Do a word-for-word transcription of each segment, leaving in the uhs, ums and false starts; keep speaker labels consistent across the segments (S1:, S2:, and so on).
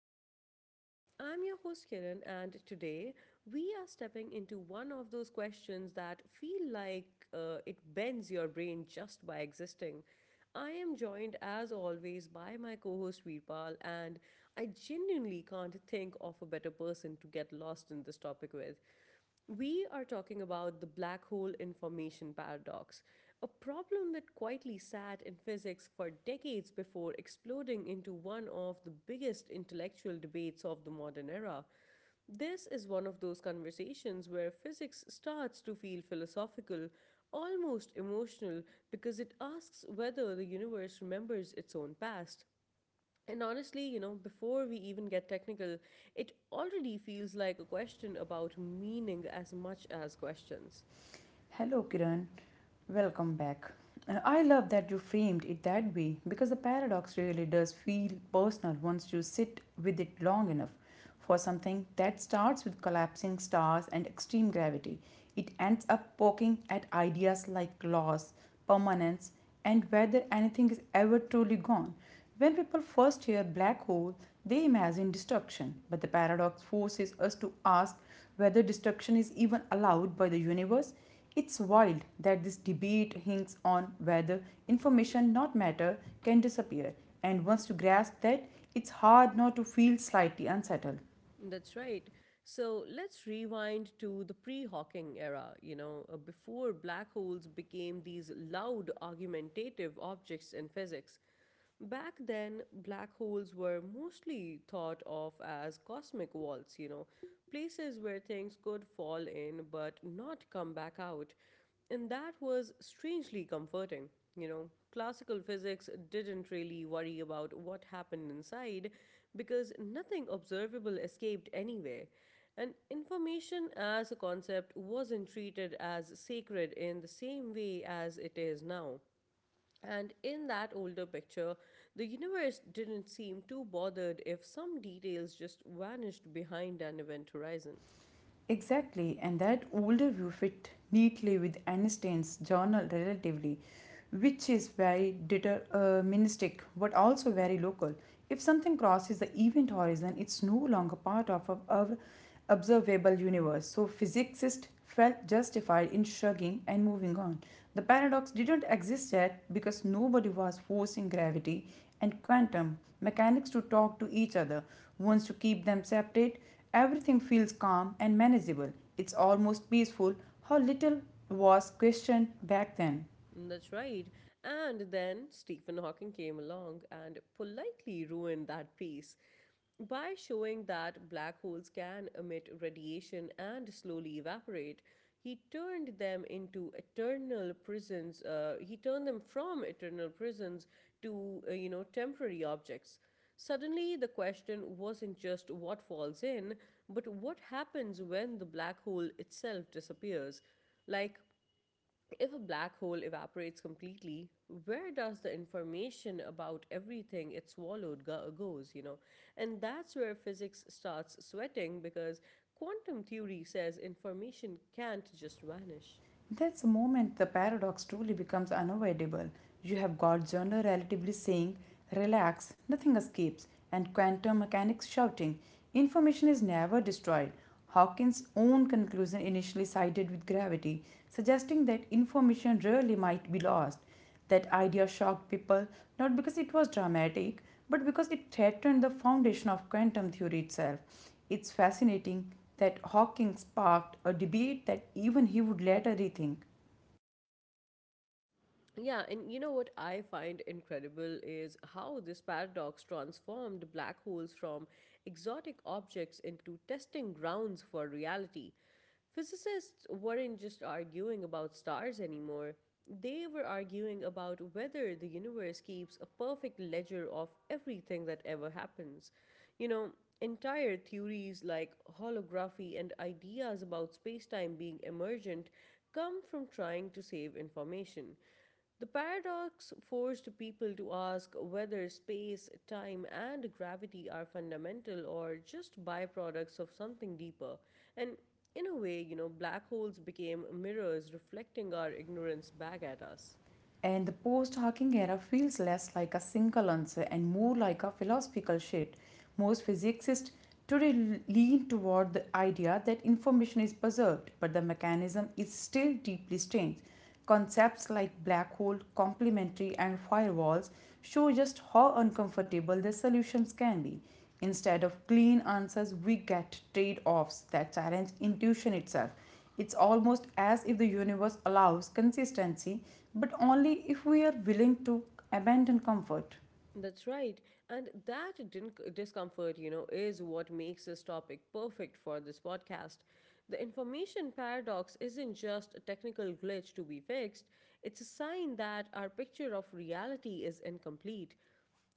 S1: Mind Pod. I'm your host Kiran, and today we are stepping into one of those questions that feel like uh, it bends your brain just by existing. I am joined, as always, by my co host Veerpal, and I genuinely can't think of a better person to get lost in this topic with. We are talking about the black hole information paradox, a problem that quietly sat in physics for decades before exploding into one of the biggest intellectual debates of the modern era. This is one of those conversations where physics starts to feel philosophical, almost emotional, because it asks whether the universe remembers its own past. And honestly, you know, before we even get technical, it already feels like a question about meaning as much as questions.
S2: Hello, Kiran. Welcome back. Uh, I love that you framed it that way because the paradox really does feel personal once you sit with it long enough. For something that starts with collapsing stars and extreme gravity, it ends up poking at ideas like loss, permanence, and whether anything is ever truly gone. When people first hear black hole, they imagine destruction, but the paradox forces us to ask whether destruction is even allowed by the universe. It's wild that this debate hinges on whether information, not matter, can disappear, and once you grasp that, it's hard not to feel slightly unsettled.
S1: That's right. So let's rewind to the pre Hawking era, you know, uh, before black holes became these loud, argumentative objects in physics. Back then, black holes were mostly thought of as cosmic vaults, you know, places where things could fall in but not come back out. And that was strangely comforting, you know. Classical physics didn't really worry about what happened inside because nothing observable escaped anyway. And information as a concept wasn't treated as sacred in the same way as it is now. And in that older picture, the universe didn't seem too bothered if some details just vanished behind an event horizon.
S2: Exactly, and that older view fit neatly with Einstein's journal Relativity, which is very deterministic but also very local. If something crosses the event horizon, it's no longer part of our our observable universe. So physicists felt justified in shrugging and moving on. The paradox didn't exist yet because nobody was forcing gravity and quantum mechanics to talk to each other. Once you keep them separate, everything feels calm and manageable. It's almost peaceful how little was questioned back then.
S1: That's right. And then Stephen Hawking came along and politely ruined that piece by showing that black holes can emit radiation and slowly evaporate. He turned them into eternal prisons. Uh, he turned them from eternal prisons to uh, you know temporary objects. Suddenly, the question wasn't just what falls in, but what happens when the black hole itself disappears. Like, if a black hole evaporates completely, where does the information about everything it swallowed go- goes, you know? And that's where physics starts sweating because quantum theory says information can't just vanish.
S2: That's the moment the paradox truly becomes unavoidable. You have got genre relatively saying, relax, nothing escapes, and quantum mechanics shouting, information is never destroyed. Hawkins' own conclusion initially sided with gravity, suggesting that information rarely might be lost. That idea shocked people not because it was dramatic, but because it threatened the foundation of quantum theory itself. It's fascinating that Hawking sparked a debate that even he would later rethink.
S1: Yeah, and you know what I find incredible is how this paradox transformed black holes from exotic objects into testing grounds for reality. Physicists weren't just arguing about stars anymore, they were arguing about whether the universe keeps a perfect ledger of everything that ever happens. You know, entire theories like holography and ideas about space time being emergent come from trying to save information. The paradox forced people to ask whether space, time, and gravity are fundamental or just byproducts of something deeper. And in a way, you know, black holes became mirrors reflecting our ignorance back at us.
S2: And the post hawking era feels less like a single answer and more like a philosophical shift. Most physicists today lean toward the idea that information is preserved, but the mechanism is still deeply strange. Concepts like black hole, complementary, and firewalls show just how uncomfortable the solutions can be. Instead of clean answers, we get trade offs that challenge intuition itself. It's almost as if the universe allows consistency, but only if we are willing to abandon comfort.
S1: That's right. And that din- discomfort, you know, is what makes this topic perfect for this podcast. The information paradox isn't just a technical glitch to be fixed, it's a sign that our picture of reality is incomplete.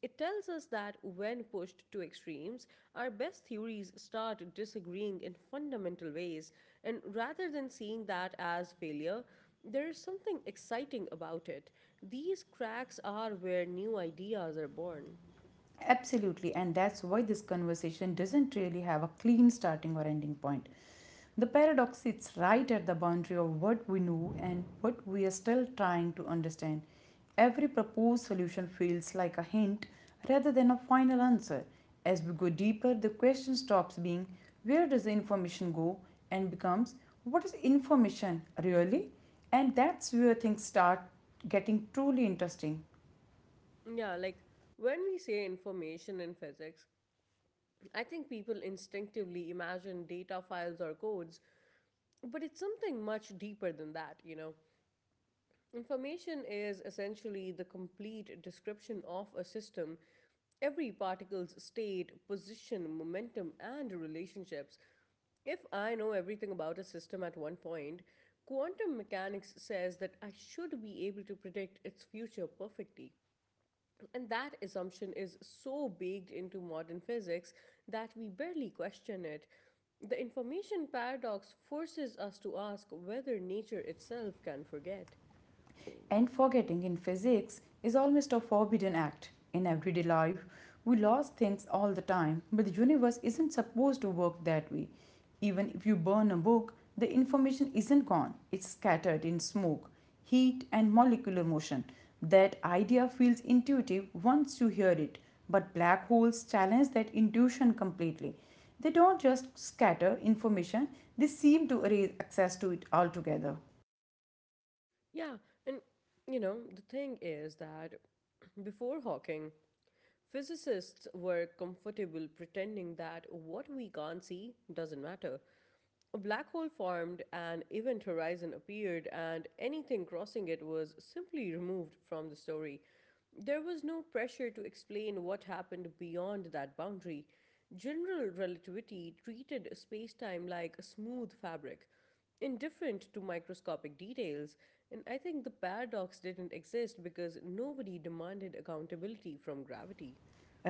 S1: It tells us that when pushed to extremes, our best theories start disagreeing in fundamental ways, and rather than seeing that as failure, there is something exciting about it. These cracks are where new ideas are born.
S2: Absolutely, and that's why this conversation doesn't really have a clean starting or ending point. The paradox sits right at the boundary of what we know and what we are still trying to understand. Every proposed solution feels like a hint rather than a final answer. As we go deeper, the question stops being where does the information go and becomes what is information really? And that's where things start getting truly interesting.
S1: Yeah, like when we say information in physics, I think people instinctively imagine data files or codes, but it's something much deeper than that, you know. Information is essentially the complete description of a system. Every particle's state, position, momentum, and relationships. If I know everything about a system at one point, quantum mechanics says that I should be able to predict its future perfectly. And that assumption is so baked into modern physics that we barely question it. The information paradox forces us to ask whether nature itself can forget.
S2: And forgetting in physics is almost a forbidden act. In everyday life, we lose things all the time, but the universe isn't supposed to work that way. Even if you burn a book, the information isn't gone, it's scattered in smoke, heat, and molecular motion. That idea feels intuitive once you hear it, but black holes challenge that intuition completely. They don't just scatter information, they seem to erase access to it altogether.
S1: Yeah, and you know, the thing is that before Hawking, physicists were comfortable pretending that what we can't see doesn't matter. A black hole formed, an event horizon appeared, and anything crossing it was simply removed from the story. There was no pressure to explain what happened beyond that boundary. General relativity treated space time like a smooth fabric, indifferent to microscopic details, and I think the paradox didn't exist because nobody demanded accountability from gravity.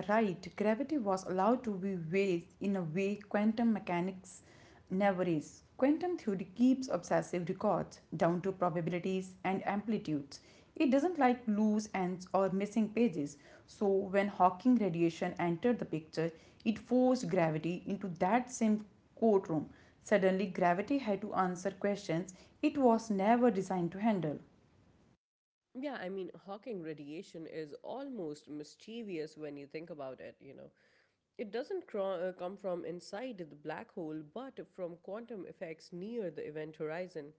S2: Right, gravity was allowed to be ways in a way quantum mechanics never is. Quantum theory keeps obsessive records down to probabilities and amplitudes. It doesn't like loose ends or missing pages. So, when Hawking radiation entered the picture, it forced gravity into that same courtroom. Suddenly, gravity had to answer questions it was never designed to handle.
S1: Yeah, I mean, Hawking radiation is almost mischievous when you think about it, you know. It doesn't cro- uh, come from inside the black hole, but from quantum effects near the event horizon.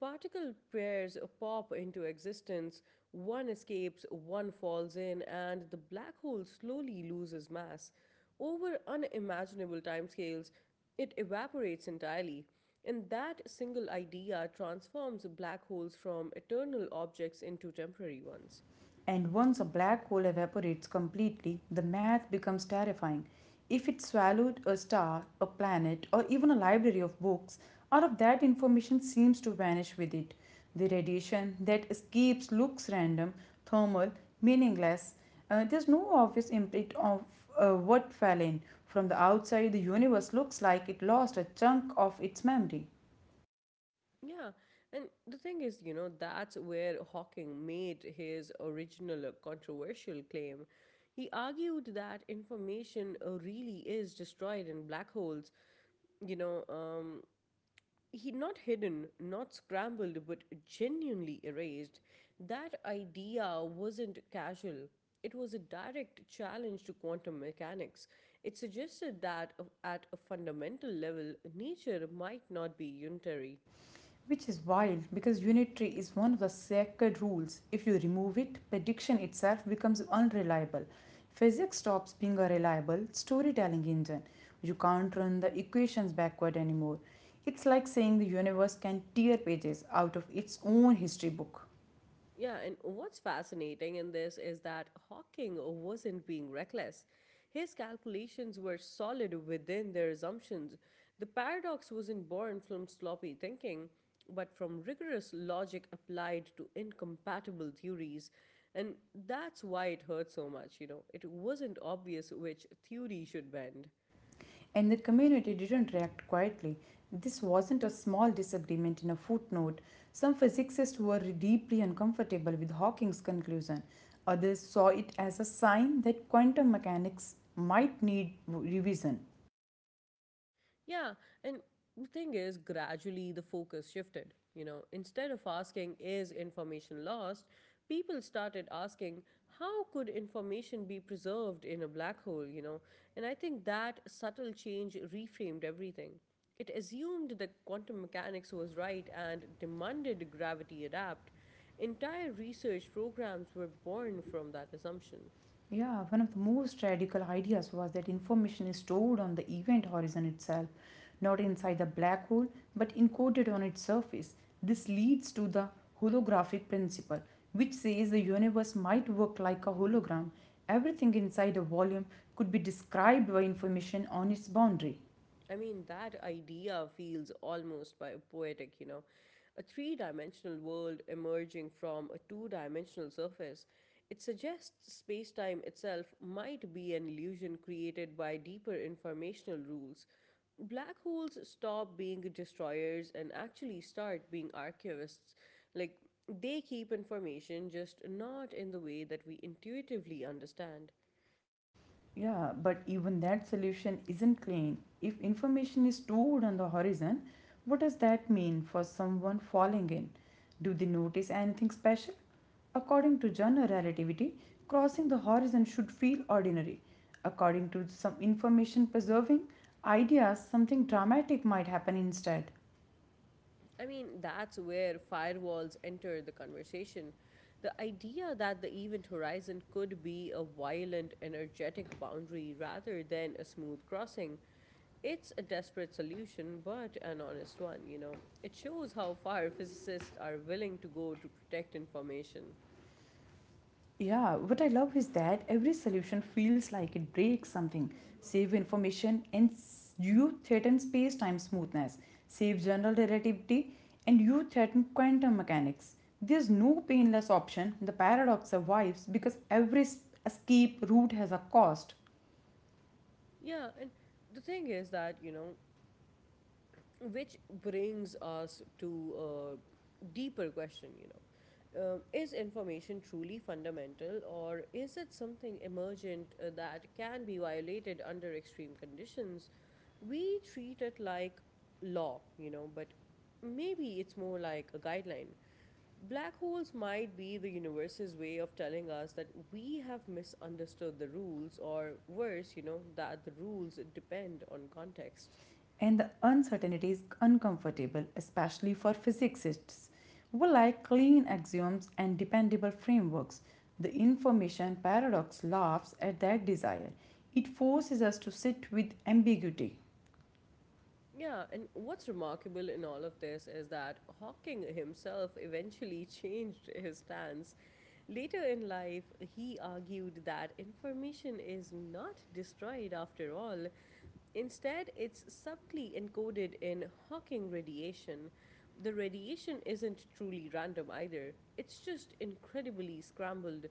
S1: Particle pairs pop into existence, one escapes, one falls in, and the black hole slowly loses mass. Over unimaginable timescales, it evaporates entirely. And that single idea transforms black holes from eternal objects into temporary ones.
S2: And once a black hole evaporates completely, the math becomes terrifying. If it swallowed a star, a planet, or even a library of books, all of that information seems to vanish with it. The radiation that escapes looks random, thermal, meaningless. Uh, there's no obvious imprint of uh, what fell in. From the outside, the universe looks like it lost a chunk of its memory.
S1: Yeah, and the thing is, you know, that's where Hawking made his original controversial claim. He argued that information uh, really is destroyed in black holes. You know, um, he not hidden, not scrambled, but genuinely erased. That idea wasn't casual. It was a direct challenge to quantum mechanics. It suggested that uh, at a fundamental level, nature might not be unitary.
S2: Which is wild because unitary is one of the sacred rules. If you remove it, prediction itself becomes unreliable. Physics stops being a reliable storytelling engine. You can't run the equations backward anymore. It's like saying the universe can tear pages out of its own history book.
S1: Yeah, and what's fascinating in this is that Hawking wasn't being reckless. His calculations were solid within their assumptions. The paradox wasn't born from sloppy thinking, but from rigorous logic applied to incompatible theories. And that's why it hurt so much, you know. It wasn't obvious which theory should bend.
S2: And the community didn't react quietly. This wasn't a small disagreement in a footnote. Some physicists were deeply uncomfortable with Hawking's conclusion. Others saw it as a sign that quantum mechanics might need revision.
S1: Yeah, and the thing is, gradually the focus shifted. You know, instead of asking, is information lost? People started asking, how could information be preserved in a black hole? You know, and I think that subtle change reframed everything. It assumed that quantum mechanics was right and demanded gravity adapt. Entire research programs were born from that assumption.
S2: Yeah, one of the most radical ideas was that information is stored on the event horizon itself, not inside the black hole, but encoded on its surface. This leads to the holographic principle, which says the universe might work like a hologram. Everything inside a volume could be described by information on its boundary.
S1: I mean, that idea feels almost biopoetic, you know. A three dimensional world emerging from a two dimensional surface. It suggests space time itself might be an illusion created by deeper informational rules. Black holes stop being destroyers and actually start being archivists. Like, they keep information, just not in the way that we intuitively understand.
S2: Yeah, but even that solution isn't clean. If information is stored on the horizon, what does that mean for someone falling in? Do they notice anything special? According to general relativity, crossing the horizon should feel ordinary. According to some information preserving ideas, something dramatic might happen instead.
S1: I mean, that's where firewalls enter the conversation. The idea that the event horizon could be a violent, energetic boundary rather than a smooth crossing. It's a desperate solution, but an honest one, you know. It shows how far physicists are willing to go to protect information.
S2: Yeah, what I love is that every solution feels like it breaks something. Save information and s- you threaten space time smoothness. Save general relativity and you threaten quantum mechanics. There's no painless option. The paradox survives because every s- escape route has a cost.
S1: Yeah, and the thing is that, you know, which brings us to a deeper question, you know um, is information truly fundamental or is it something emergent, uh, that can be violated under extreme conditions? We treat it like law, you know, but maybe it's more like a guideline. Black holes might be the universe's way of telling us that we have misunderstood the rules, or worse, you know, that the rules depend on context.
S2: And the uncertainty is uncomfortable, especially for physicists who like clean axioms and dependable frameworks. The information paradox laughs at that desire. It forces us to sit with ambiguity.
S1: Yeah, and what's remarkable in all of this is that Hawking himself eventually changed his stance. Later in life, he argued that information is not destroyed after all. Instead, it's subtly encoded in Hawking radiation. The radiation isn't truly random either, it's just incredibly scrambled.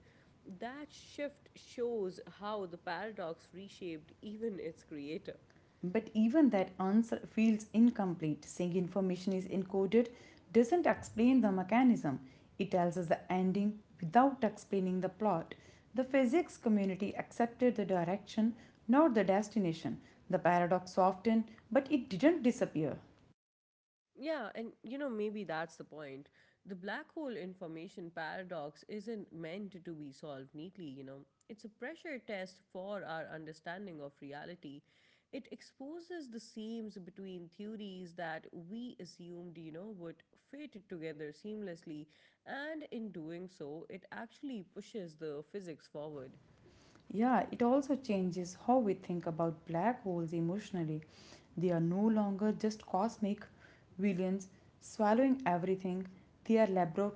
S1: That shift shows how the paradox reshaped even its creator.
S2: But even that answer feels incomplete, saying information is encoded doesn't explain the mechanism. It tells us the ending without explaining the plot. The physics community accepted the direction, not the destination. The paradox softened, but it didn't disappear.
S1: Yeah, and you know, maybe that's the point. The black hole information paradox isn't meant to be solved neatly, you know. It's a pressure test for our understanding of reality. It exposes the seams between theories that we assumed, you know, would fit together seamlessly, and in doing so, it actually pushes the physics forward.
S2: Yeah, it also changes how we think about black holes emotionally. They are no longer just cosmic villains swallowing everything, they are labor-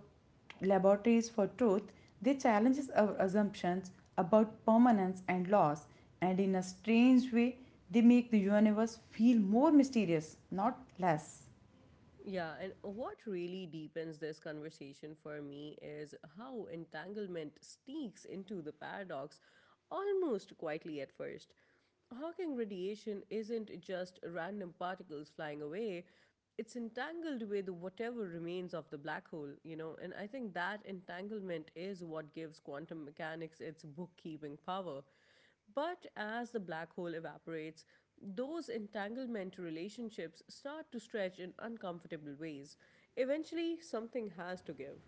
S2: laboratories for truth. They challenge our assumptions about permanence and loss, and in a strange way, they make the universe feel more mysterious, not less.
S1: Yeah, and what really deepens this conversation for me is how entanglement sneaks into the paradox almost quietly at first. Hawking radiation isn't just random particles flying away, it's entangled with whatever remains of the black hole, you know, and I think that entanglement is what gives quantum mechanics its bookkeeping power. But as the black hole evaporates, those entanglement relationships start to stretch in uncomfortable ways. Eventually, something has to give.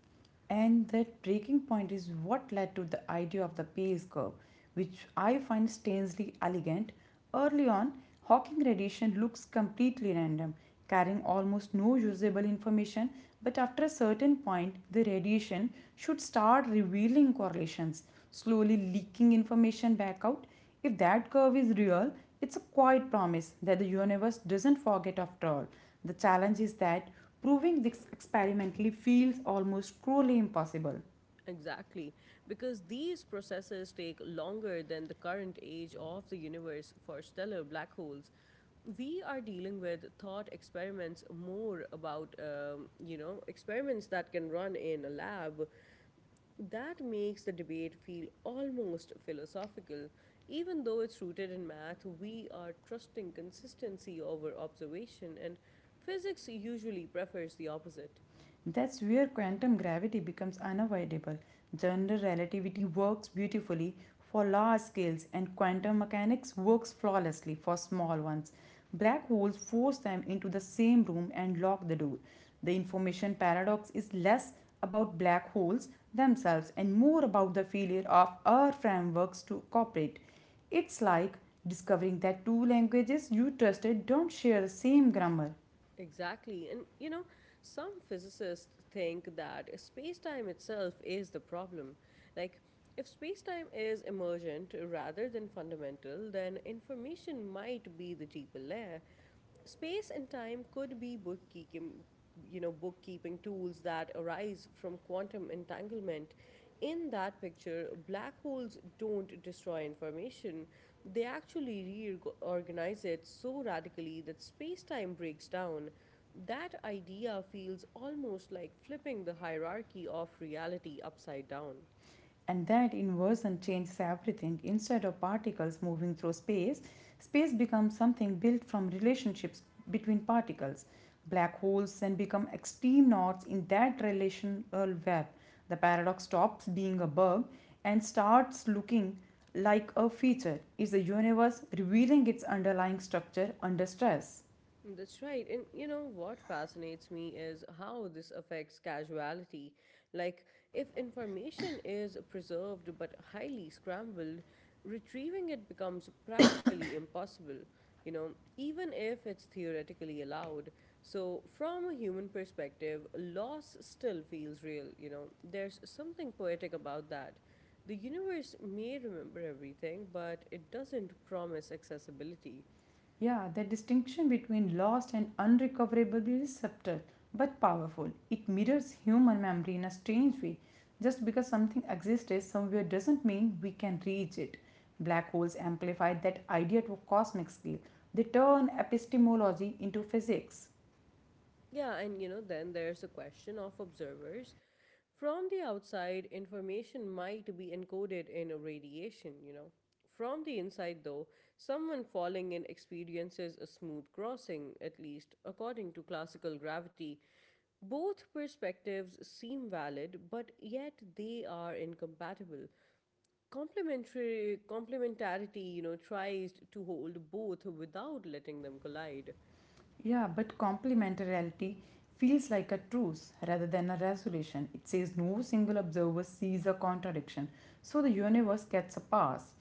S2: And that breaking point is what led to the idea of the Bayes curve, which I find strangely elegant. Early on, Hawking radiation looks completely random, carrying almost no usable information, but after a certain point, the radiation should start revealing correlations, slowly leaking information back out. If that curve is real, it's a quiet promise that the universe doesn't forget after all. The challenge is that proving this experimentally feels almost cruelly impossible.
S1: Exactly, because these processes take longer than the current age of the universe for stellar black holes. We are dealing with thought experiments more about, um, you know, experiments that can run in a lab. That makes the debate feel almost philosophical. Even though it's rooted in math, we are trusting consistency over observation, and physics usually prefers the opposite.
S2: That's where quantum gravity becomes unavoidable. General relativity works beautifully for large scales, and quantum mechanics works flawlessly for small ones. Black holes force them into the same room and lock the door. The information paradox is less about black holes themselves and more about the failure of our frameworks to cooperate. It's like discovering that two languages you trusted don't share the same grammar.
S1: Exactly, and you know, some physicists think that space time itself is the problem. Like, if space time is emergent rather than fundamental, then information might be the deeper layer. Space and time could be bookkeeping, you know bookkeeping tools that arise from quantum entanglement. In that picture, black holes don't destroy information, they actually reorganize it so radically that space-time breaks down. That idea feels almost like flipping the hierarchy of reality upside down.
S2: And that inversion changes everything. Instead of particles moving through space, space becomes something built from relationships between particles. Black holes then become extreme knots in that relational web. The paradox stops being a bug and starts looking like a feature. Is the universe revealing its underlying structure under stress?
S1: That's right. And you know what fascinates me is how this affects casuality. Like, if information is preserved but highly scrambled, retrieving it becomes practically impossible, you know, even if it's theoretically allowed. So, from a human perspective, loss still feels real, you know. There's something poetic about that. The universe may remember everything, but it doesn't promise accessibility.
S2: Yeah, the distinction between lost and unrecoverable is subtle but powerful. It mirrors human memory in a strange way. Just because something exists somewhere doesn't mean we can reach it. Black holes amplify that idea to a cosmic scale. They turn epistemology into physics.
S1: Yeah, and you know, then there's the question of observers. From the outside, information might be encoded in a radiation, you know. From the inside, though, someone falling in experiences a smooth crossing, at least according to classical gravity. Both perspectives seem valid, but yet they are incompatible. Complementary complementarity, you know, tries to hold both without letting them collide.
S2: Yeah, but complementarity feels like a truce rather than a resolution. It says no single observer sees a contradiction, so the universe gets a pass.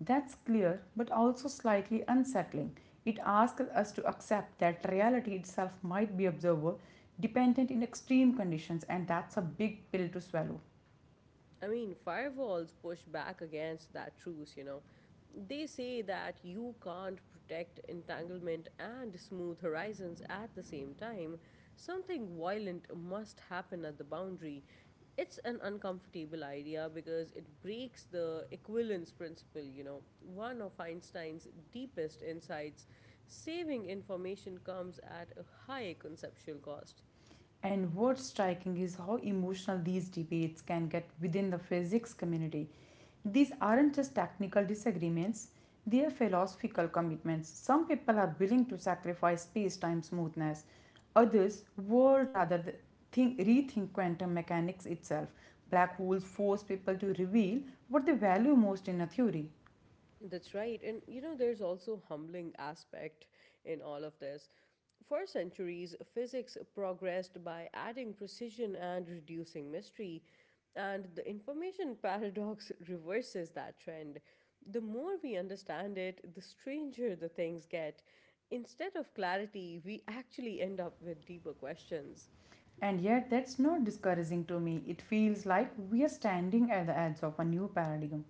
S2: That's clear, but also slightly unsettling. It asks us to accept that reality itself might be observer dependent in extreme conditions, and that's a big pill to swallow.
S1: I mean, firewalls push back against that truce, you know. They say that you can't protect entanglement and smooth horizons at the same time. Something violent must happen at the boundary. It's an uncomfortable idea because it breaks the equivalence principle, you know, one of Einstein's deepest insights. Saving information comes at a high conceptual cost.
S2: And what's striking is how emotional these debates can get within the physics community. These aren't just technical disagreements, they are philosophical commitments. Some people are willing to sacrifice space time smoothness, others would rather think, rethink quantum mechanics itself. Black holes force people to reveal what they value most in a theory.
S1: That's right. And you know, there's also humbling aspect in all of this. For centuries, physics progressed by adding precision and reducing mystery, and the information paradox reverses that trend. The more we understand it, the stranger the things get. Instead of clarity, we actually end up with deeper questions.
S2: And yet, that's not discouraging to me. It feels like we are standing at the edge of a new paradigm.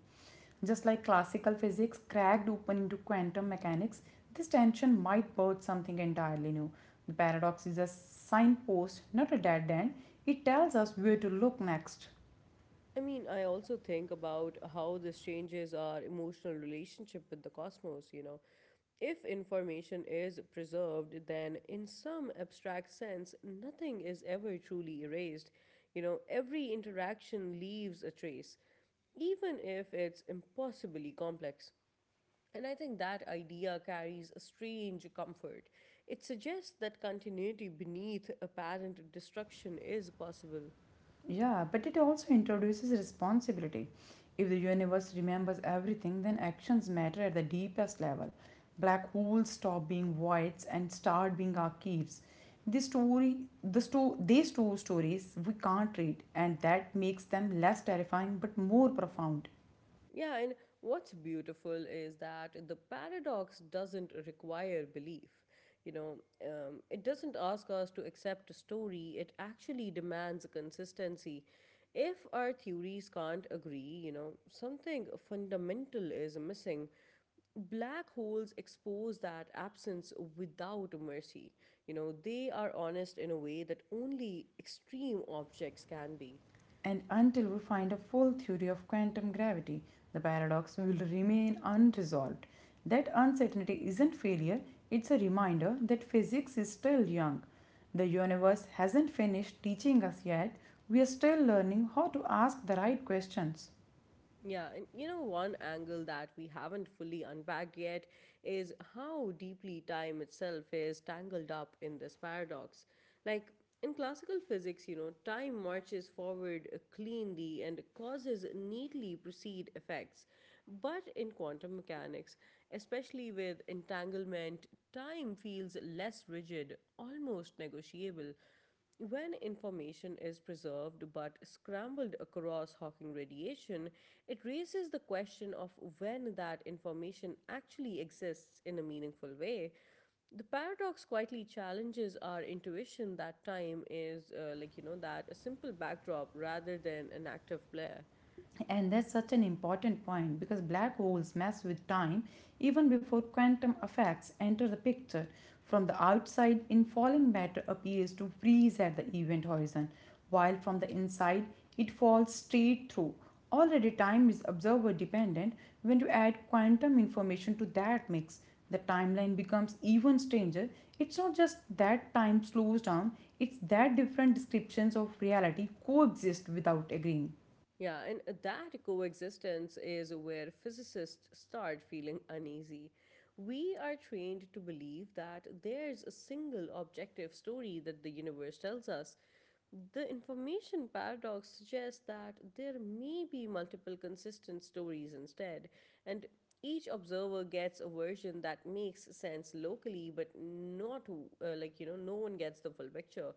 S2: Just like classical physics cracked open into quantum mechanics, this tension might birth something entirely new. The paradox is a signpost, not a dead end. It tells us where to look next.
S1: I mean, I also think about how this changes our emotional relationship with the cosmos, you know. If information is preserved, then in some abstract sense, nothing is ever truly erased. You know, every interaction leaves a trace, even if it's impossibly complex. And I think that idea carries a strange comfort. It suggests that continuity beneath apparent destruction is possible.
S2: Yeah, but it also introduces responsibility. If the universe remembers everything, then actions matter at the deepest level. Black holes stop being voids and start being archives. This story, the sto- these two stories we can't read, and that makes them less terrifying but more profound.
S1: Yeah, and what's beautiful is that the paradox doesn't require belief. You know, um, it doesn't ask us to accept a story, it actually demands consistency. If our theories can't agree, you know, something fundamental is missing. Black holes expose that absence without mercy. You know, they are honest in a way that only extreme objects can be.
S2: And until we find a full theory of quantum gravity, the paradox will remain unresolved. That uncertainty isn't failure, it's a reminder that physics is still young. The universe hasn't finished teaching us yet. We are still learning how to ask the right questions.
S1: Yeah, and you know, one angle that we haven't fully unpacked yet is how deeply time itself is tangled up in this paradox. Like in classical physics, you know, time marches forward uh, cleanly and causes neatly precede effects. But in quantum mechanics, especially with entanglement, time feels less rigid, almost negotiable. When information is preserved but scrambled across Hawking radiation, it raises the question of when that information actually exists in a meaningful way. The paradox quietly challenges our intuition that time is, uh, like, you know, that a simple backdrop rather than an active player.
S2: And that's such an important point because black holes mess with time even before quantum effects enter the picture. From the outside, infalling matter appears to freeze at the event horizon, while from the inside, it falls straight through. Already, time is observer dependent. When you add quantum information to that mix, the timeline becomes even stranger. It's not just that time slows down, it's that different descriptions of reality coexist without agreeing.
S1: Yeah, and that coexistence is where physicists start feeling uneasy. We are trained to believe that there's a single objective story that the universe tells us. The information paradox suggests that there may be multiple consistent stories instead, and each observer gets a version that makes sense locally, but not uh, like you know, no one gets the full picture.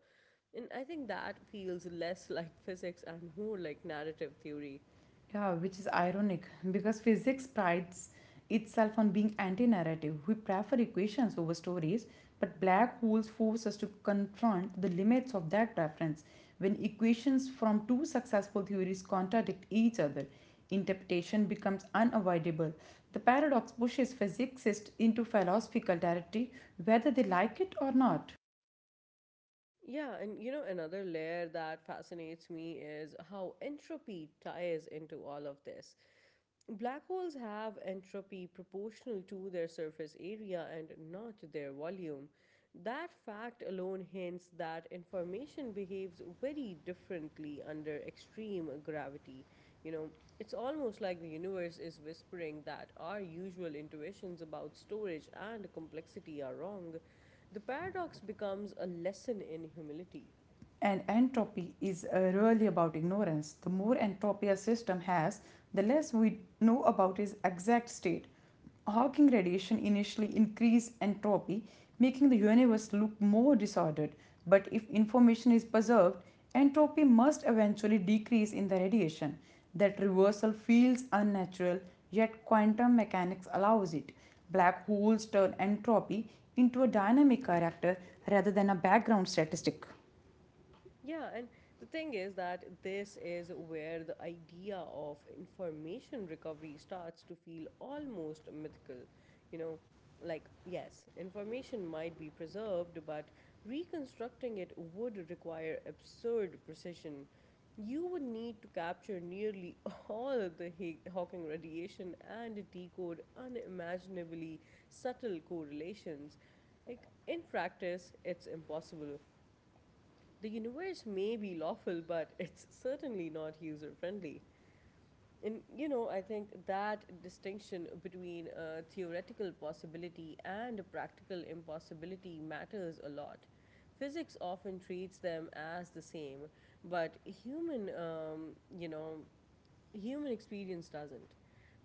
S1: And I think that feels less like physics and more like narrative theory.
S2: Yeah, which is ironic because physics prides itself on being anti narrative. We prefer equations over stories, but black holes force us to confront the limits of that preference. When equations from two successful theories contradict each other, interpretation becomes unavoidable. The paradox pushes physicists into philosophical territory whether they like it or not.
S1: Yeah, and you know, another layer that fascinates me is how entropy ties into all of this. Black holes have entropy proportional to their surface area and not their volume. That fact alone hints that information behaves very differently under extreme gravity. You know, it's almost like the universe is whispering that our usual intuitions about storage and complexity are wrong. The paradox becomes a lesson in humility.
S2: And entropy is uh, really about ignorance. The more entropy a system has, the less we know about its exact state. Hawking radiation initially increased entropy, making the universe look more disordered. But if information is preserved, entropy must eventually decrease in the radiation. That reversal feels unnatural, yet quantum mechanics allows it. Black holes turn entropy into a dynamic character rather than a background statistic.
S1: Yeah, and the thing is that this is where the idea of information recovery starts to feel almost mythical. You know, like, yes, information might be preserved, but reconstructing it would require absurd precision. You would need to capture nearly all the Ha- Hawking radiation and decode unimaginably subtle correlations. Like, in practice, it's impossible. The universe may be lawful, but it's certainly not user friendly. And you know, I think that distinction between a theoretical possibility and a practical impossibility matters a lot. Physics often treats them as the same, but human, um, you know, human experience doesn't.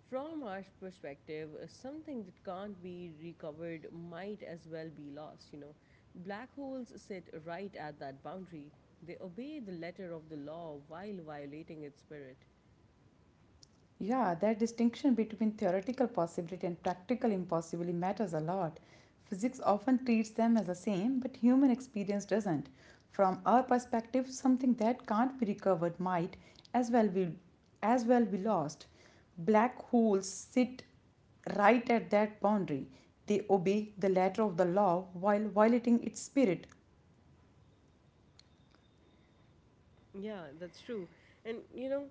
S1: From our perspective, uh, something that can't be recovered might as well be lost, you know. Black holes sit right at that boundary. They obey the letter of the law while violating its spirit.
S2: Yeah, that distinction between theoretical possibility and practical impossibility matters a lot. Physics often treats them as the same, but human experience doesn't. From our perspective, something that can't be recovered might as well be as well be lost. Black holes sit right at that boundary. They obey the letter of the law while violating its spirit.
S1: Yeah, that's true. And you know,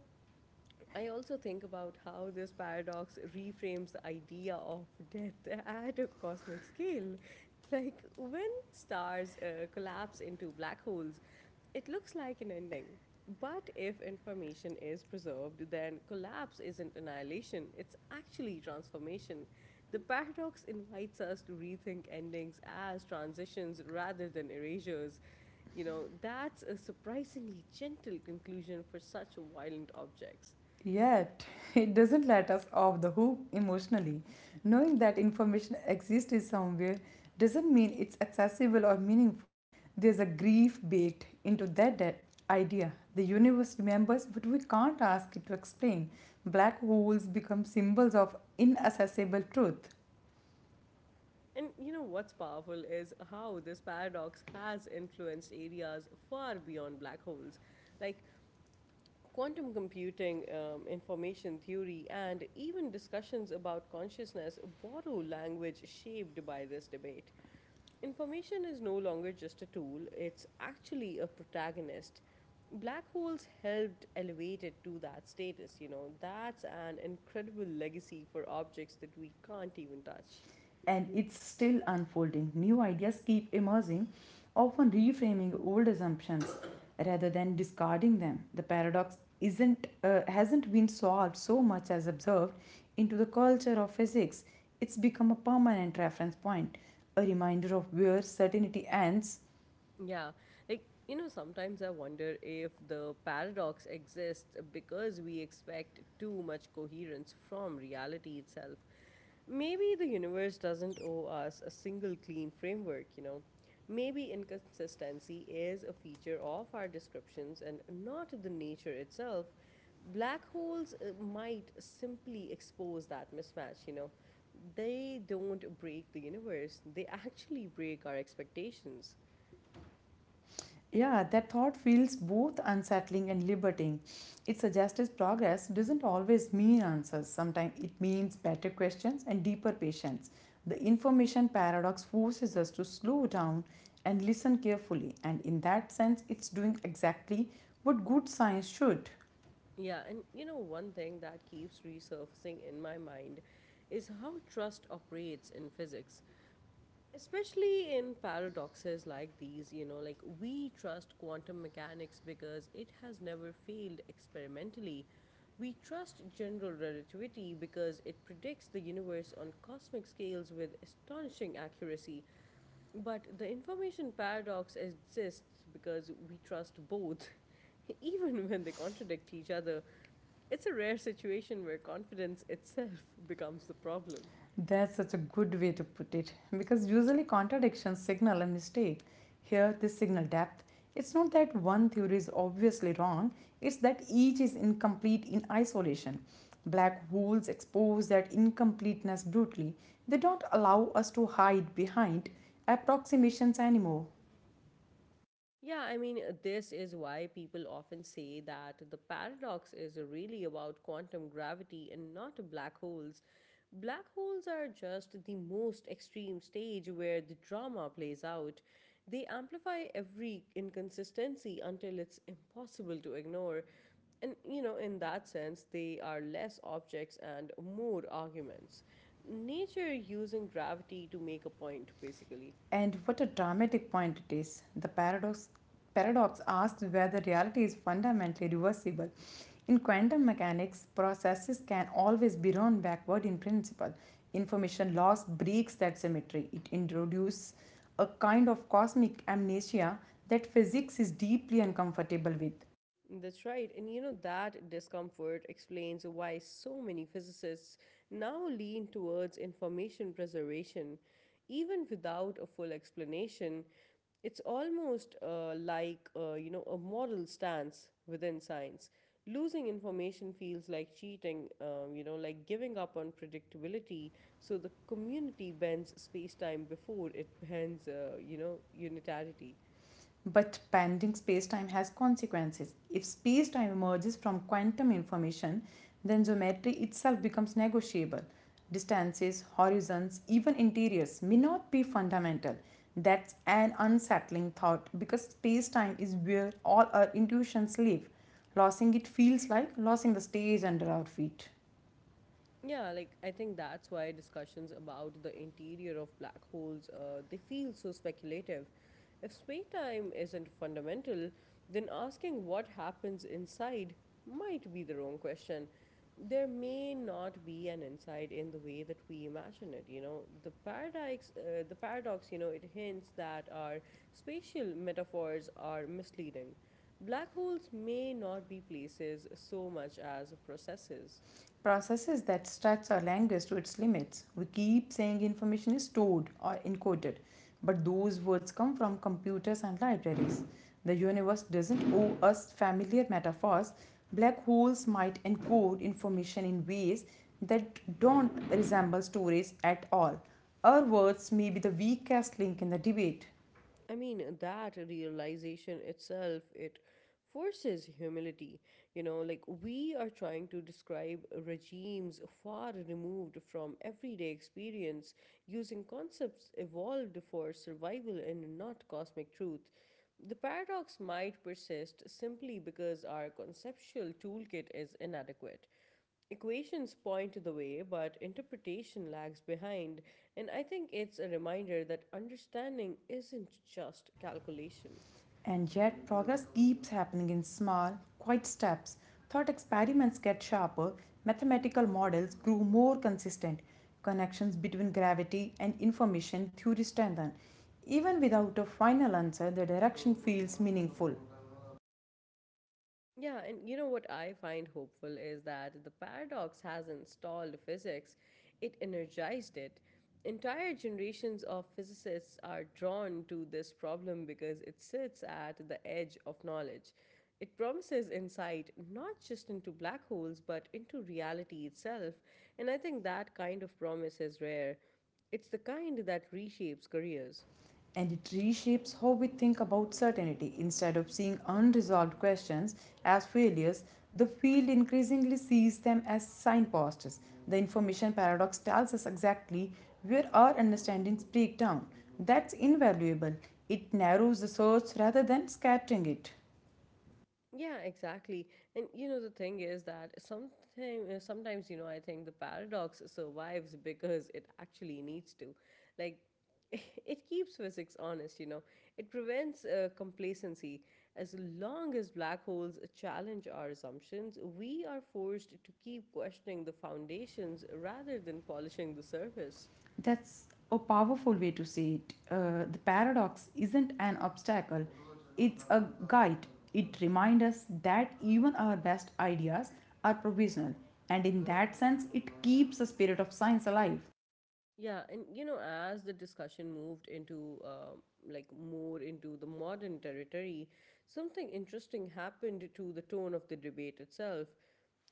S1: I also think about how this paradox reframes the idea of death at a cosmic scale. Like when stars uh, collapse into black holes, it looks like an ending. But if information is preserved, then collapse isn't annihilation, it's actually transformation. The paradox invites us to rethink endings as transitions rather than erasures. You know, that's a surprisingly gentle conclusion for such violent objects.
S2: Yet, it doesn't let us off the hook emotionally. Knowing that information exists is somewhere doesn't mean it's accessible or meaningful. There's a grief baked into that, that idea. The universe remembers, but we can't ask it to explain. Black holes become symbols of inaccessible truth.
S1: And you know what's powerful is how this paradox has influenced areas far beyond black holes, like quantum computing, um, information theory, and even discussions about consciousness borrow language shaped by this debate. Information is no longer just a tool, it's actually a protagonist. Black holes helped elevate it to that status, you know. That's an incredible legacy for objects that we can't even touch.
S2: And it's still unfolding. New ideas keep emerging, often reframing old assumptions rather than discarding them. The paradox isn't uh, hasn't been solved so much as observed into the culture of physics. It's become a permanent reference point, a reminder of where certainty ends.
S1: Yeah. Like, you know, sometimes I wonder if the paradox exists because we expect too much coherence from reality itself. Maybe the universe doesn't owe us a single clean framework, you know. Maybe inconsistency is a feature of our descriptions and not the nature itself. Black holes uh, might simply expose that mismatch, you know. They don't break the universe, they actually break our expectations.
S2: Yeah, that thought feels both unsettling and liberating. It suggests his progress doesn't always mean answers. Sometimes it means better questions and deeper patience. The information paradox forces us to slow down and listen carefully, and in that sense, it's doing exactly what good science should.
S1: Yeah, and you know, one thing that keeps resurfacing in my mind is how trust operates in physics, especially in paradoxes like these. You know, like we trust quantum mechanics because it has never failed experimentally. We trust general relativity because it predicts the universe on cosmic scales with astonishing accuracy. But the information paradox exists because we trust both even when they contradict each other. It's a rare situation where confidence itself becomes the problem.
S2: That's such a good way to put it because usually contradictions signal a mistake. Here, this signal depth. It's not that one theory is obviously wrong, it's that each is incomplete in isolation. Black holes expose that incompleteness brutally. They don't allow us to hide behind approximations anymore.
S1: Yeah, I mean, uh, this is why people often say that the paradox is really about quantum gravity and not black holes. Black holes are just the most extreme stage where the drama plays out. They amplify every inconsistency until it's impossible to ignore. And, you know, in that sense, they are less objects and more arguments. Nature using gravity to make a point, basically.
S2: And what a dramatic point it is. The paradox paradox asks whether reality is fundamentally reversible. In quantum mechanics, processes can always be run backward in principle. Information loss breaks that symmetry. It introduces a kind of cosmic amnesia that physics is deeply uncomfortable with.
S1: That's right. And you know, that discomfort explains why so many physicists now lean towards information preservation. Even without a full explanation, it's almost uh, like, uh, you know, a moral stance within science. Losing information feels like cheating, um, you know, like giving up on predictability. So the community bends space time before it bends, uh, you know, unitarity.
S2: But pending spacetime has consequences. If spacetime emerges from quantum information, then geometry itself becomes negotiable. Distances, horizons, even interiors may not be fundamental. That's an unsettling thought because spacetime is where all our intuitions live. Losing it feels like losing the stage under our feet.
S1: Yeah, like I think that's why discussions about the interior of black holes uh, they feel so speculative. If space-time isn't fundamental, then asking what happens inside might be the wrong question. There may not be an inside in the way that we imagine it. You know, the paradox, uh, the paradox. You know, it hints that our spatial metaphors are misleading. Black holes may not be places so much as processes.
S2: Processes that stretch our language to its limits. We keep saying information is stored or encoded, but those words come from computers and libraries. The universe doesn't owe us familiar metaphors. Black holes might encode information in ways that don't resemble storage at all. Our words may be the weakest link in the debate.
S1: I mean, that realization itself, it forces humility. You know, like we are trying to describe regimes far removed from everyday experience using concepts evolved for survival and not cosmic truth. The paradox might persist simply because our conceptual toolkit is inadequate. Equations point the way, but interpretation lags behind, and I think it's a reminder that understanding isn't just calculation.
S2: And yet, progress keeps happening in small, quiet steps. Thought experiments get sharper, mathematical models grew more consistent, connections between gravity and information theory strengthen. Even without a final answer, the direction feels meaningful.
S1: Yeah, and you know what I find hopeful is that the paradox hasn't stalled physics, it energized it. Entire generations of physicists are drawn to this problem because it sits at the edge of knowledge. It promises insight not just into black holes but into reality itself, and I think that kind of promise is rare. It's the kind that reshapes careers.
S2: And it reshapes how we think about certainty. Instead of seeing unresolved questions as failures, the field increasingly sees them as signposts. The information paradox tells us exactly where our understandings break down. That's invaluable. It narrows the search rather than scattering it.
S1: Yeah, exactly. And you know the thing is that sometimes sometimes you know I think the paradox survives because it actually needs to. Like it keeps physics honest, you know. It prevents uh, complacency. As long as black holes challenge our assumptions, we are forced to keep questioning the foundations rather than polishing the surface.
S2: That's a powerful way to say it. Uh, the paradox isn't an obstacle, it's a guide. It reminds us that even our best ideas are provisional, and in that sense, it keeps the spirit of science alive.
S1: Yeah, and you know, as the discussion moved into um like more into the modern territory, something interesting happened to the tone of the debate itself.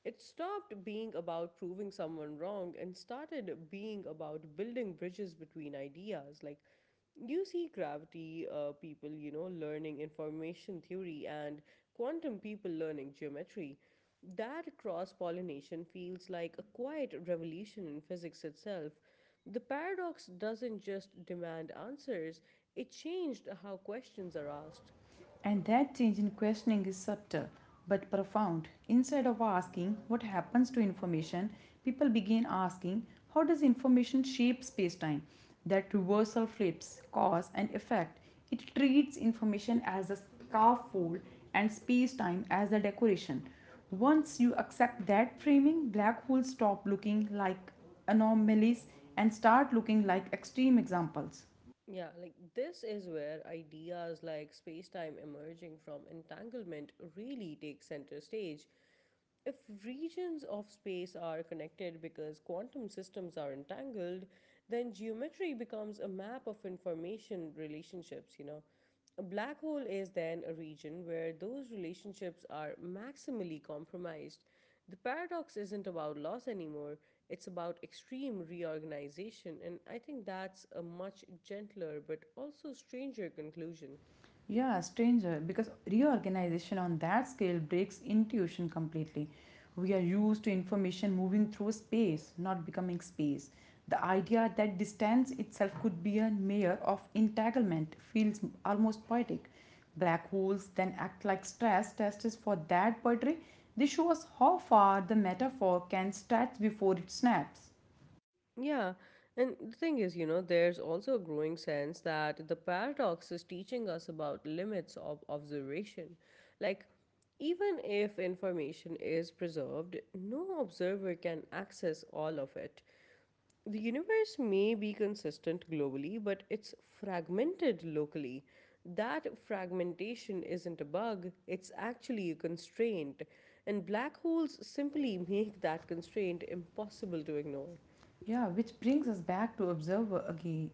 S1: It stopped being about proving someone wrong and started being about building bridges between ideas. Like, you see gravity uh, people, you know, learning information theory and quantum people learning geometry. That cross pollination feels like a quiet revolution in physics itself. The paradox doesn't just demand answers, it changed how questions are asked.
S2: And that change in questioning is subtle but profound. Instead of asking what happens to information, people begin asking, how does information shape space-time? That reversal flips cause and effect. It treats information as a scaffold and space-time as a decoration. Once you accept that framing, black holes stop looking like anomalies and start looking like extreme examples.
S1: Yeah, like this is where ideas like space time emerging from entanglement really take center stage. If regions of space are connected because quantum systems are entangled, then geometry becomes a map of information relationships, you know. A black hole is then a region where those relationships are maximally compromised. The paradox isn't about loss anymore, it's about extreme reorganization, and I think that's a much gentler but also stranger conclusion.
S2: Yeah, stranger, because reorganization on that scale breaks intuition completely. We are used to information moving through space, not becoming space. The idea that distance itself could be a mirror of entanglement feels almost poetic. Black holes then act like stress tests for that poetry. They show us how far the metaphor can stretch before it snaps.
S1: Yeah, and the thing is, you know, there's also a growing sense that the paradox is teaching us about limits of observation. Like, even if information is preserved, no observer can access all of it. The universe may be consistent globally, but it's fragmented locally. That fragmentation isn't a bug, it's actually a constraint. And black holes simply make that constraint impossible to ignore.
S2: Yeah, which brings us back to observer again.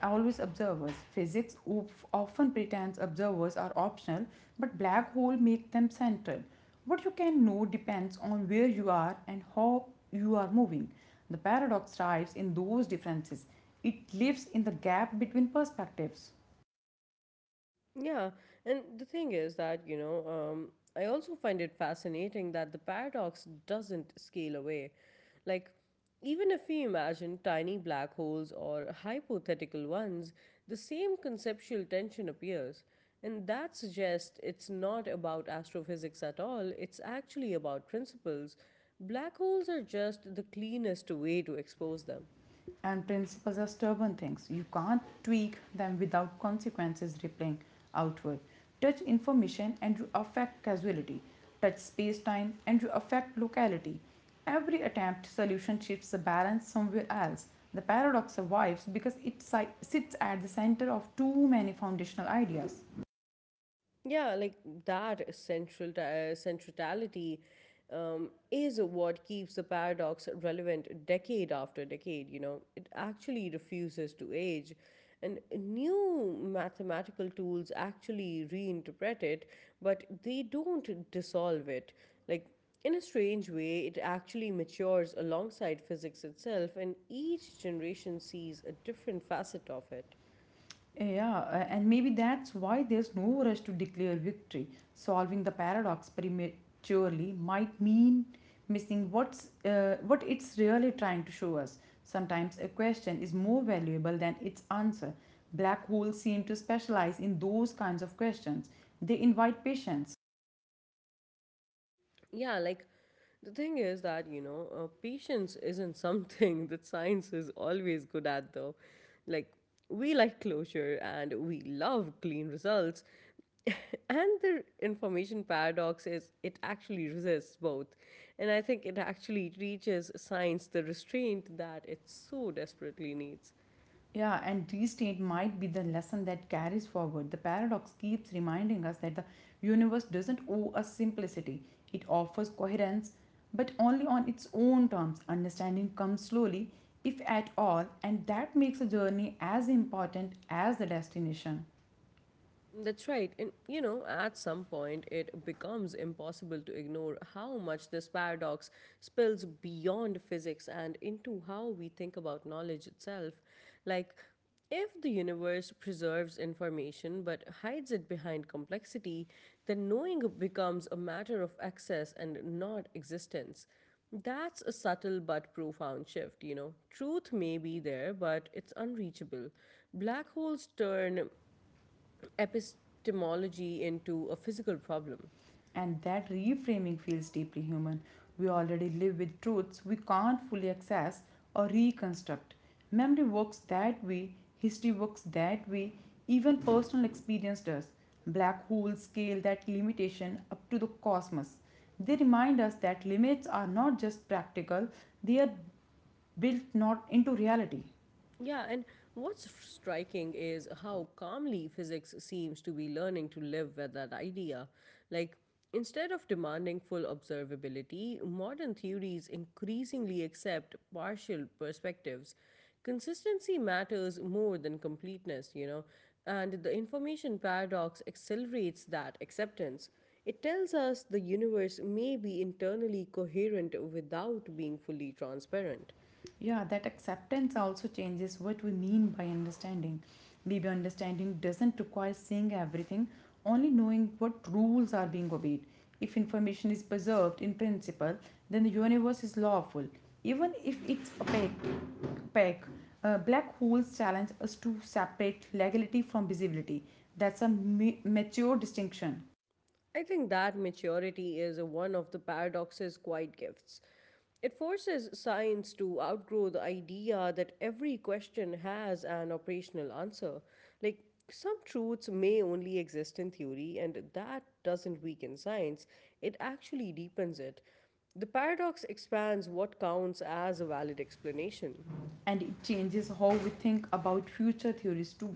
S2: Always observers. Physics oof- often pretends observers are optional, but black hole make them central. What you can know depends on where you are and how you are moving. The paradox thrives in those differences. It lives in the gap between perspectives.
S1: Yeah, and the thing is that, you know, um, I also find it fascinating that the paradox doesn't scale away. Like, even if we imagine tiny black holes or hypothetical ones, the same conceptual tension appears. And that suggests it's not about astrophysics at all, it's actually about principles. Black holes are just the cleanest way to expose them.
S2: And principles are stubborn things. You can't tweak them without consequences rippling outward. Touch information and you affect causality. Touch space time and you affect locality. Every attempt solution shifts the balance somewhere else. The paradox survives because it si- sits at the center of too many foundational ideas.
S1: Yeah, like that central uh, centrality um, is what keeps the paradox relevant decade after decade, you know. It actually refuses to age, and new mathematical tools actually reinterpret it, but they don't dissolve it. Like, in a strange way, it actually matures alongside physics itself, and each generation sees a different facet of it.
S2: Yeah, uh, and maybe that's why there's no rush to declare victory. Solving the paradox prematurely might mean missing what's uh, what it's really trying to show us. Sometimes a question is more valuable than its answer. Black holes seem to specialize in those kinds of questions. They invite patience.
S1: Yeah, like the thing is that, you know, uh, patience isn't something that science is always good at, though. Like, we like closure and we love clean results. And the information paradox is it actually resists both. And I think it actually reaches science the restraint that it so desperately needs.
S2: Yeah, and restate might be the lesson that carries forward. The paradox keeps reminding us that the universe doesn't owe us simplicity, it offers coherence, but only on its own terms. Understanding comes slowly, if at all, and that makes a journey as important as the destination.
S1: That's right. And you know, at some point, it becomes impossible to ignore how much this paradox spills beyond physics and into how we think about knowledge itself. Like, if the universe preserves information but hides it behind complexity, then knowing becomes a matter of access and not existence. That's a subtle but profound shift, you know. Truth may be there, but it's unreachable. Black holes turn epistemology into a physical problem.
S2: And that reframing feels deeply human. We already live with truths we can't fully access or reconstruct. Memory works that way, history works that way, even personal experience does. Black holes scale that limitation up to the cosmos. They remind us that limits are not just practical, they are built not into reality.
S1: Yeah, and what's striking is how calmly physics seems to be learning to live with that idea. Like, instead of demanding full observability, modern theories increasingly accept partial perspectives. Consistency matters more than completeness, you know, and the information paradox accelerates that acceptance. It tells us the universe may be internally coherent without being fully transparent.
S2: Yeah, that acceptance also changes what we mean by understanding. Maybe understanding doesn't require seeing everything, only knowing what rules are being obeyed. If information is preserved in principle, then the universe is lawful, even if it's opaque. opaque. Uh, black holes challenge us to separate legality from visibility. That's a ma- mature distinction.
S1: I think that maturity is one of the paradox's quiet gifts. It forces science to outgrow the idea that every question has an operational answer. Like, some truths may only exist in theory, and that doesn't weaken science, it actually deepens it. The paradox expands what counts as a valid explanation.
S2: And it changes how we think about future theories too.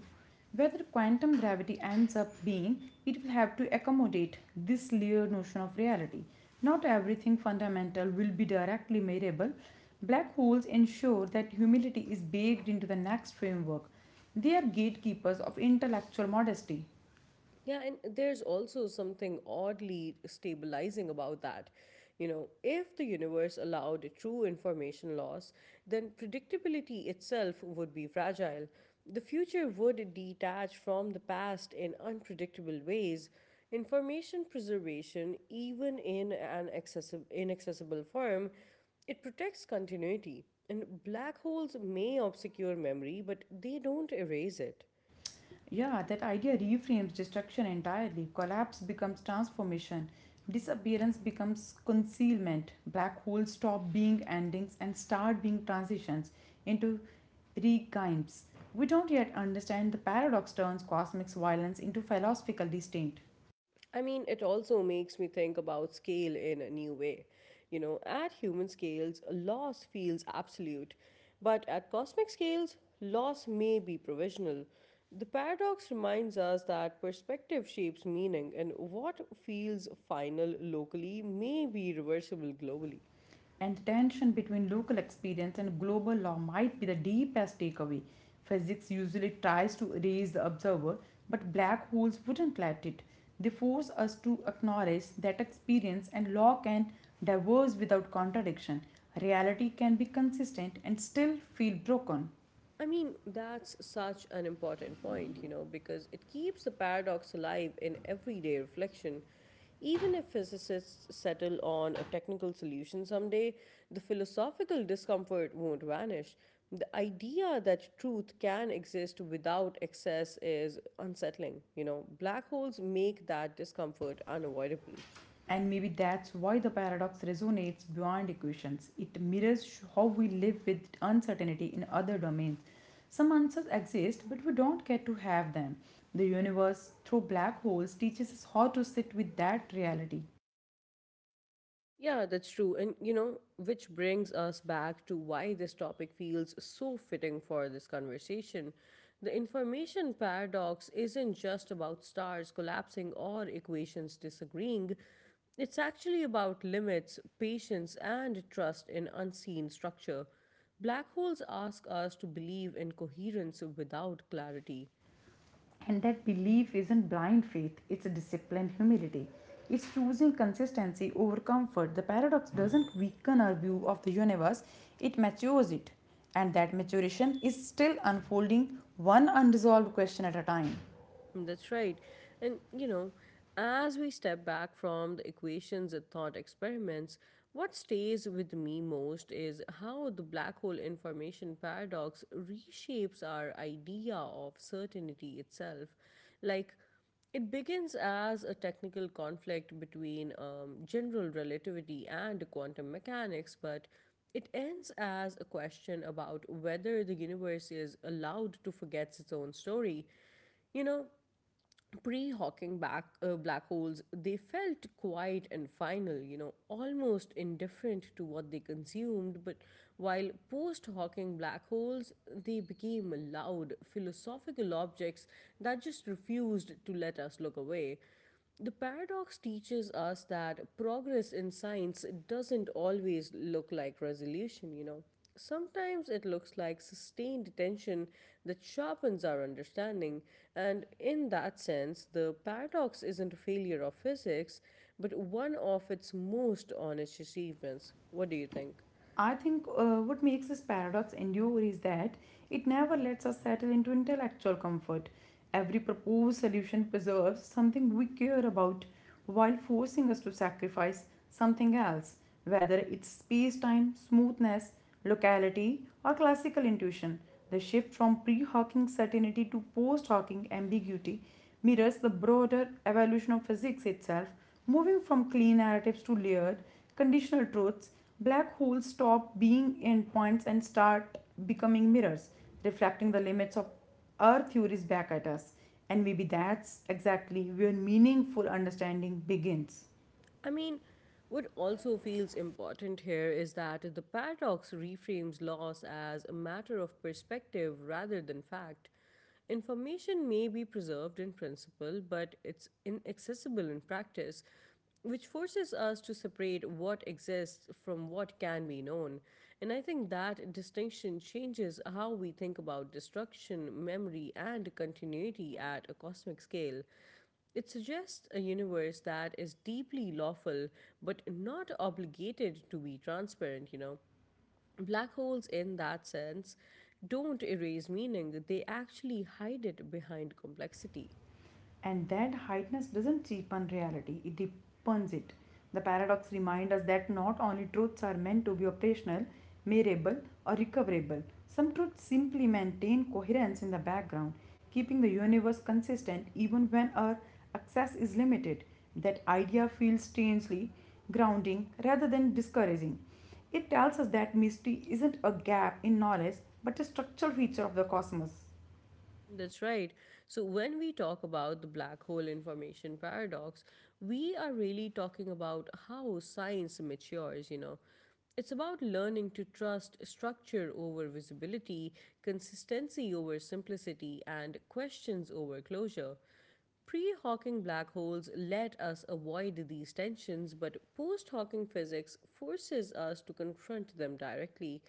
S2: Whether quantum gravity ends up being, it will have to accommodate this layered notion of reality. Not everything fundamental will be directly measurable. Black holes ensure that humility is baked into the next framework. They are gatekeepers of intellectual modesty.
S1: Yeah, and there's also something oddly stabilizing about that. You know, if the universe allowed true information loss, then predictability itself would be fragile. The future would detach from the past in unpredictable ways. Information preservation, even in an accessi- inaccessible form, it protects continuity. And black holes may obscure memory, but they don't erase it.
S2: Yeah, that idea reframes destruction entirely. Collapse becomes transformation. Disappearance becomes concealment. Black holes stop being endings and start being transitions into regimes. We don't yet understand the paradox turns cosmic violence into philosophical disdain.
S1: I mean, it also makes me think about scale in a new way. You know, at human scales, loss feels absolute, but at cosmic scales, loss may be provisional. The paradox reminds us that perspective shapes meaning, and what feels final locally may be reversible globally.
S2: And the tension between local experience and global law might be the deepest takeaway. Physics usually tries to erase the observer, but black holes wouldn't let it. They force us to acknowledge that experience and law can diverge without contradiction. Reality can be consistent and still feel broken.
S1: I mean, that's such an important point, you know, because it keeps the paradox alive in everyday reflection. Even if physicists settle on a technical solution someday, the philosophical discomfort won't vanish. The idea that truth can exist without excess is unsettling. You know, black holes make that discomfort unavoidable.
S2: And maybe that's why the paradox resonates beyond equations. It mirrors how we live with uncertainty in other domains. Some answers exist, but we don't get to have them. The universe, through black holes, teaches us how to sit with that reality.
S1: Yeah, that's true. And you know, which brings us back to why this topic feels so fitting for this conversation. The information paradox isn't just about stars collapsing or equations disagreeing, it's actually about limits, patience, and trust in unseen structure. Black holes ask us to believe in coherence without clarity.
S2: And that belief isn't blind faith, it's a disciplined humility. It's choosing consistency over comfort. The paradox doesn't weaken our view of the universe, it matures it. And that maturation is still unfolding one unresolved question at a time.
S1: That's right. And, you know, as we step back from the equations and thought experiments, what stays with me most is how the black hole information paradox reshapes our idea of certainty itself. Like, it begins as a technical conflict between um, general relativity and quantum mechanics, but it ends as a question about whether the universe is allowed to forget its own story. You know, pre-hawking back uh, black holes they felt quiet and final, you know, almost indifferent to what they consumed, but while post-hawking black holes, they became loud philosophical objects that just refused to let us look away. The paradox teaches us that progress in science doesn't always look like resolution, you know. Sometimes it looks like sustained tension that sharpens our understanding, and in that sense, the paradox isn't a failure of physics, but one of its most honest achievements. What do you think?
S2: I think uh, what makes this paradox endure is that it never lets us settle into intellectual comfort. Every proposed solution preserves something we care about while forcing us to sacrifice something else, whether it's space time, smoothness, locality, or classical intuition. The shift from pre Hawking certainty to post Hawking ambiguity mirrors the broader evolution of physics itself, moving from clean narratives to layered, conditional truths. Black holes stop being endpoints and start becoming mirrors, reflecting the limits of our theories back at us. And maybe that's exactly where meaningful understanding begins.
S1: I mean, what also feels important here is that the paradox reframes loss as a matter of perspective rather than fact. Information may be preserved in principle, but it's inaccessible in practice, which forces us to separate what exists from what can be known. And I think that distinction changes how we think about destruction, memory, and continuity at a cosmic scale. It suggests a universe that is deeply lawful but not obligated to be transparent, you know. Black holes, in that sense, don't erase meaning, they actually hide it behind complexity.
S2: And that heightness doesn't cheapen reality, it deepens it. The paradox reminds us that not only truths are meant to be operational, measurable, or recoverable. Some truths simply maintain coherence in the background, keeping the universe consistent even when our access is limited. That idea feels strangely grounding rather than discouraging. It tells us that mystery isn't a gap in knowledge but a structural feature of the cosmos.
S1: That's right. So, when we talk about the black hole information paradox, we are really talking about how science matures, you know. It's about learning to trust structure over visibility, consistency over simplicity, and questions over closure. Pre Hawking black holes let us avoid these tensions, but post Hawking physics forces us to confront them directly.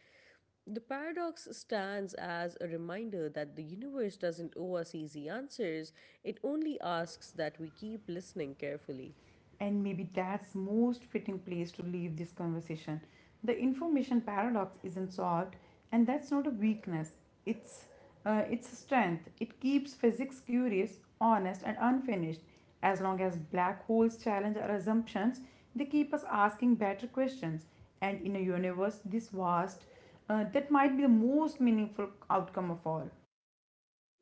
S1: The paradox stands as a reminder that the universe doesn't owe us easy answers, it only asks that we keep listening carefully.
S2: And maybe that's most fitting place to leave this conversation. The information paradox isn't solved, and that's not a weakness, it's uh, it's a strength. It keeps physics curious, honest, and unfinished. As long as black holes challenge our assumptions, they keep us asking better questions, and in a universe this vast, uh, that might be the most meaningful outcome of all.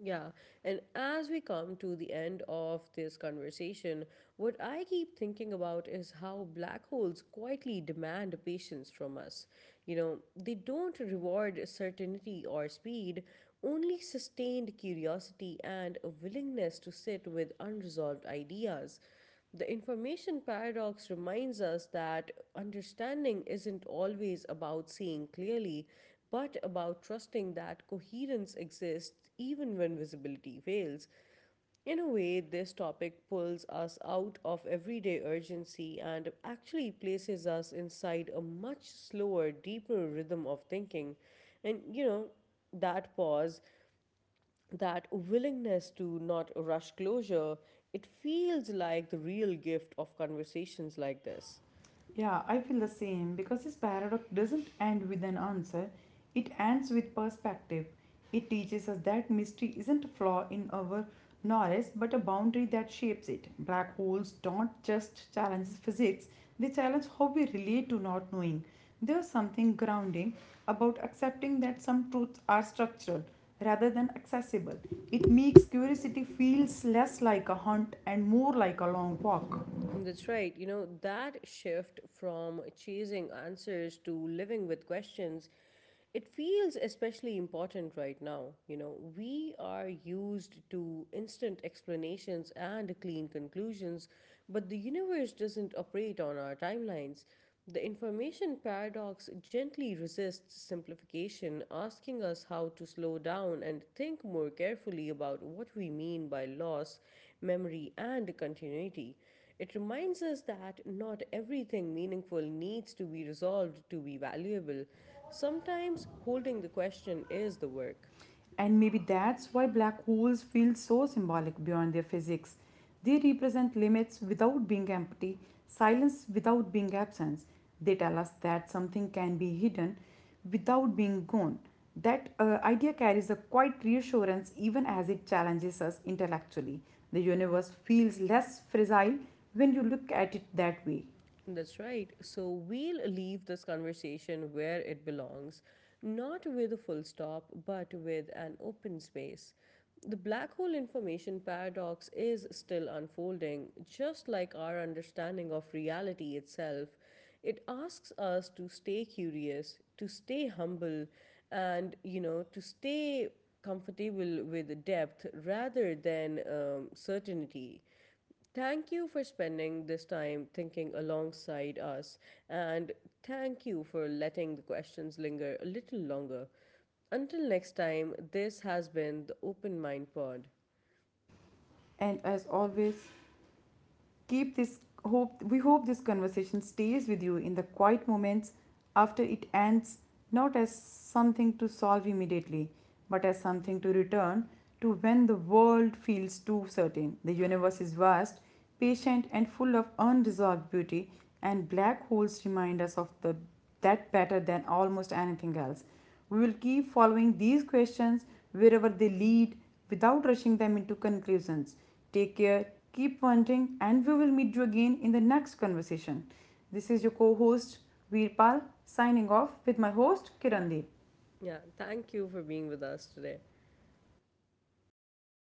S1: Yeah, and as we come to the end of this conversation, what I keep thinking about is how black holes quietly demand patience from us. You know, they don't reward certainty or speed, only sustained curiosity and a willingness to sit with unresolved ideas. The information paradox reminds us that understanding isn't always about seeing clearly, but about trusting that coherence exists even when visibility fails. In a way, this topic pulls us out of everyday urgency and actually places us inside a much slower, deeper rhythm of thinking. And you know, that pause, that willingness to not rush closure, it feels like the real gift of conversations like this.
S2: Yeah, I feel the same because this paradox doesn't end with an answer, it ends with perspective. It teaches us that mystery isn't a flaw in our knowledge but a boundary that shapes it. Black holes don't just challenge physics, they challenge how we relate to not knowing. There's something grounding about accepting that some truths are structural rather than accessible. It makes curiosity feels less like a hunt and more like a long walk.
S1: That's right. You know, that shift from chasing answers to living with questions, it feels especially important right now. You know, we are used to instant explanations and clean conclusions, but the universe doesn't operate on our timelines. The information paradox gently resists simplification, asking us how to slow down and think more carefully about what we mean by loss, memory, and continuity. It reminds us that not everything meaningful needs to be resolved to be valuable. Sometimes holding the question is the work.
S2: And maybe that's why black holes feel so symbolic beyond their physics. They represent limits without being empty, silence without being absence. They tell us that something can be hidden without being gone. That uh, idea carries a quiet reassurance even as it challenges us intellectually. The universe feels less fragile when you look at it that way.
S1: That's right. So we'll leave this conversation where it belongs, not with a full stop, but with an open space. The black hole information paradox is still unfolding, just like our understanding of reality itself. It asks us to stay curious, to stay humble, and you know, to stay comfortable with depth rather than um, certainty. Thank you for spending this time thinking alongside us, and thank you for letting the questions linger a little longer. Until next time, this has been the Open Mind Pod.
S2: And as always, keep this hope we hope this conversation stays with you in the quiet moments after it ends, not as something to solve immediately but as something to return to when the world feels too certain. The universe is vast, patient, and full of unresolved beauty, and black holes remind us of the that better than almost anything else. We will keep following these questions wherever they lead, without rushing them into conclusions. Take care, keep wondering, and we will meet you again in the next conversation. This is your co host Veerpal signing off with my host Kirandeep.
S1: Yeah, thank you for being with us today.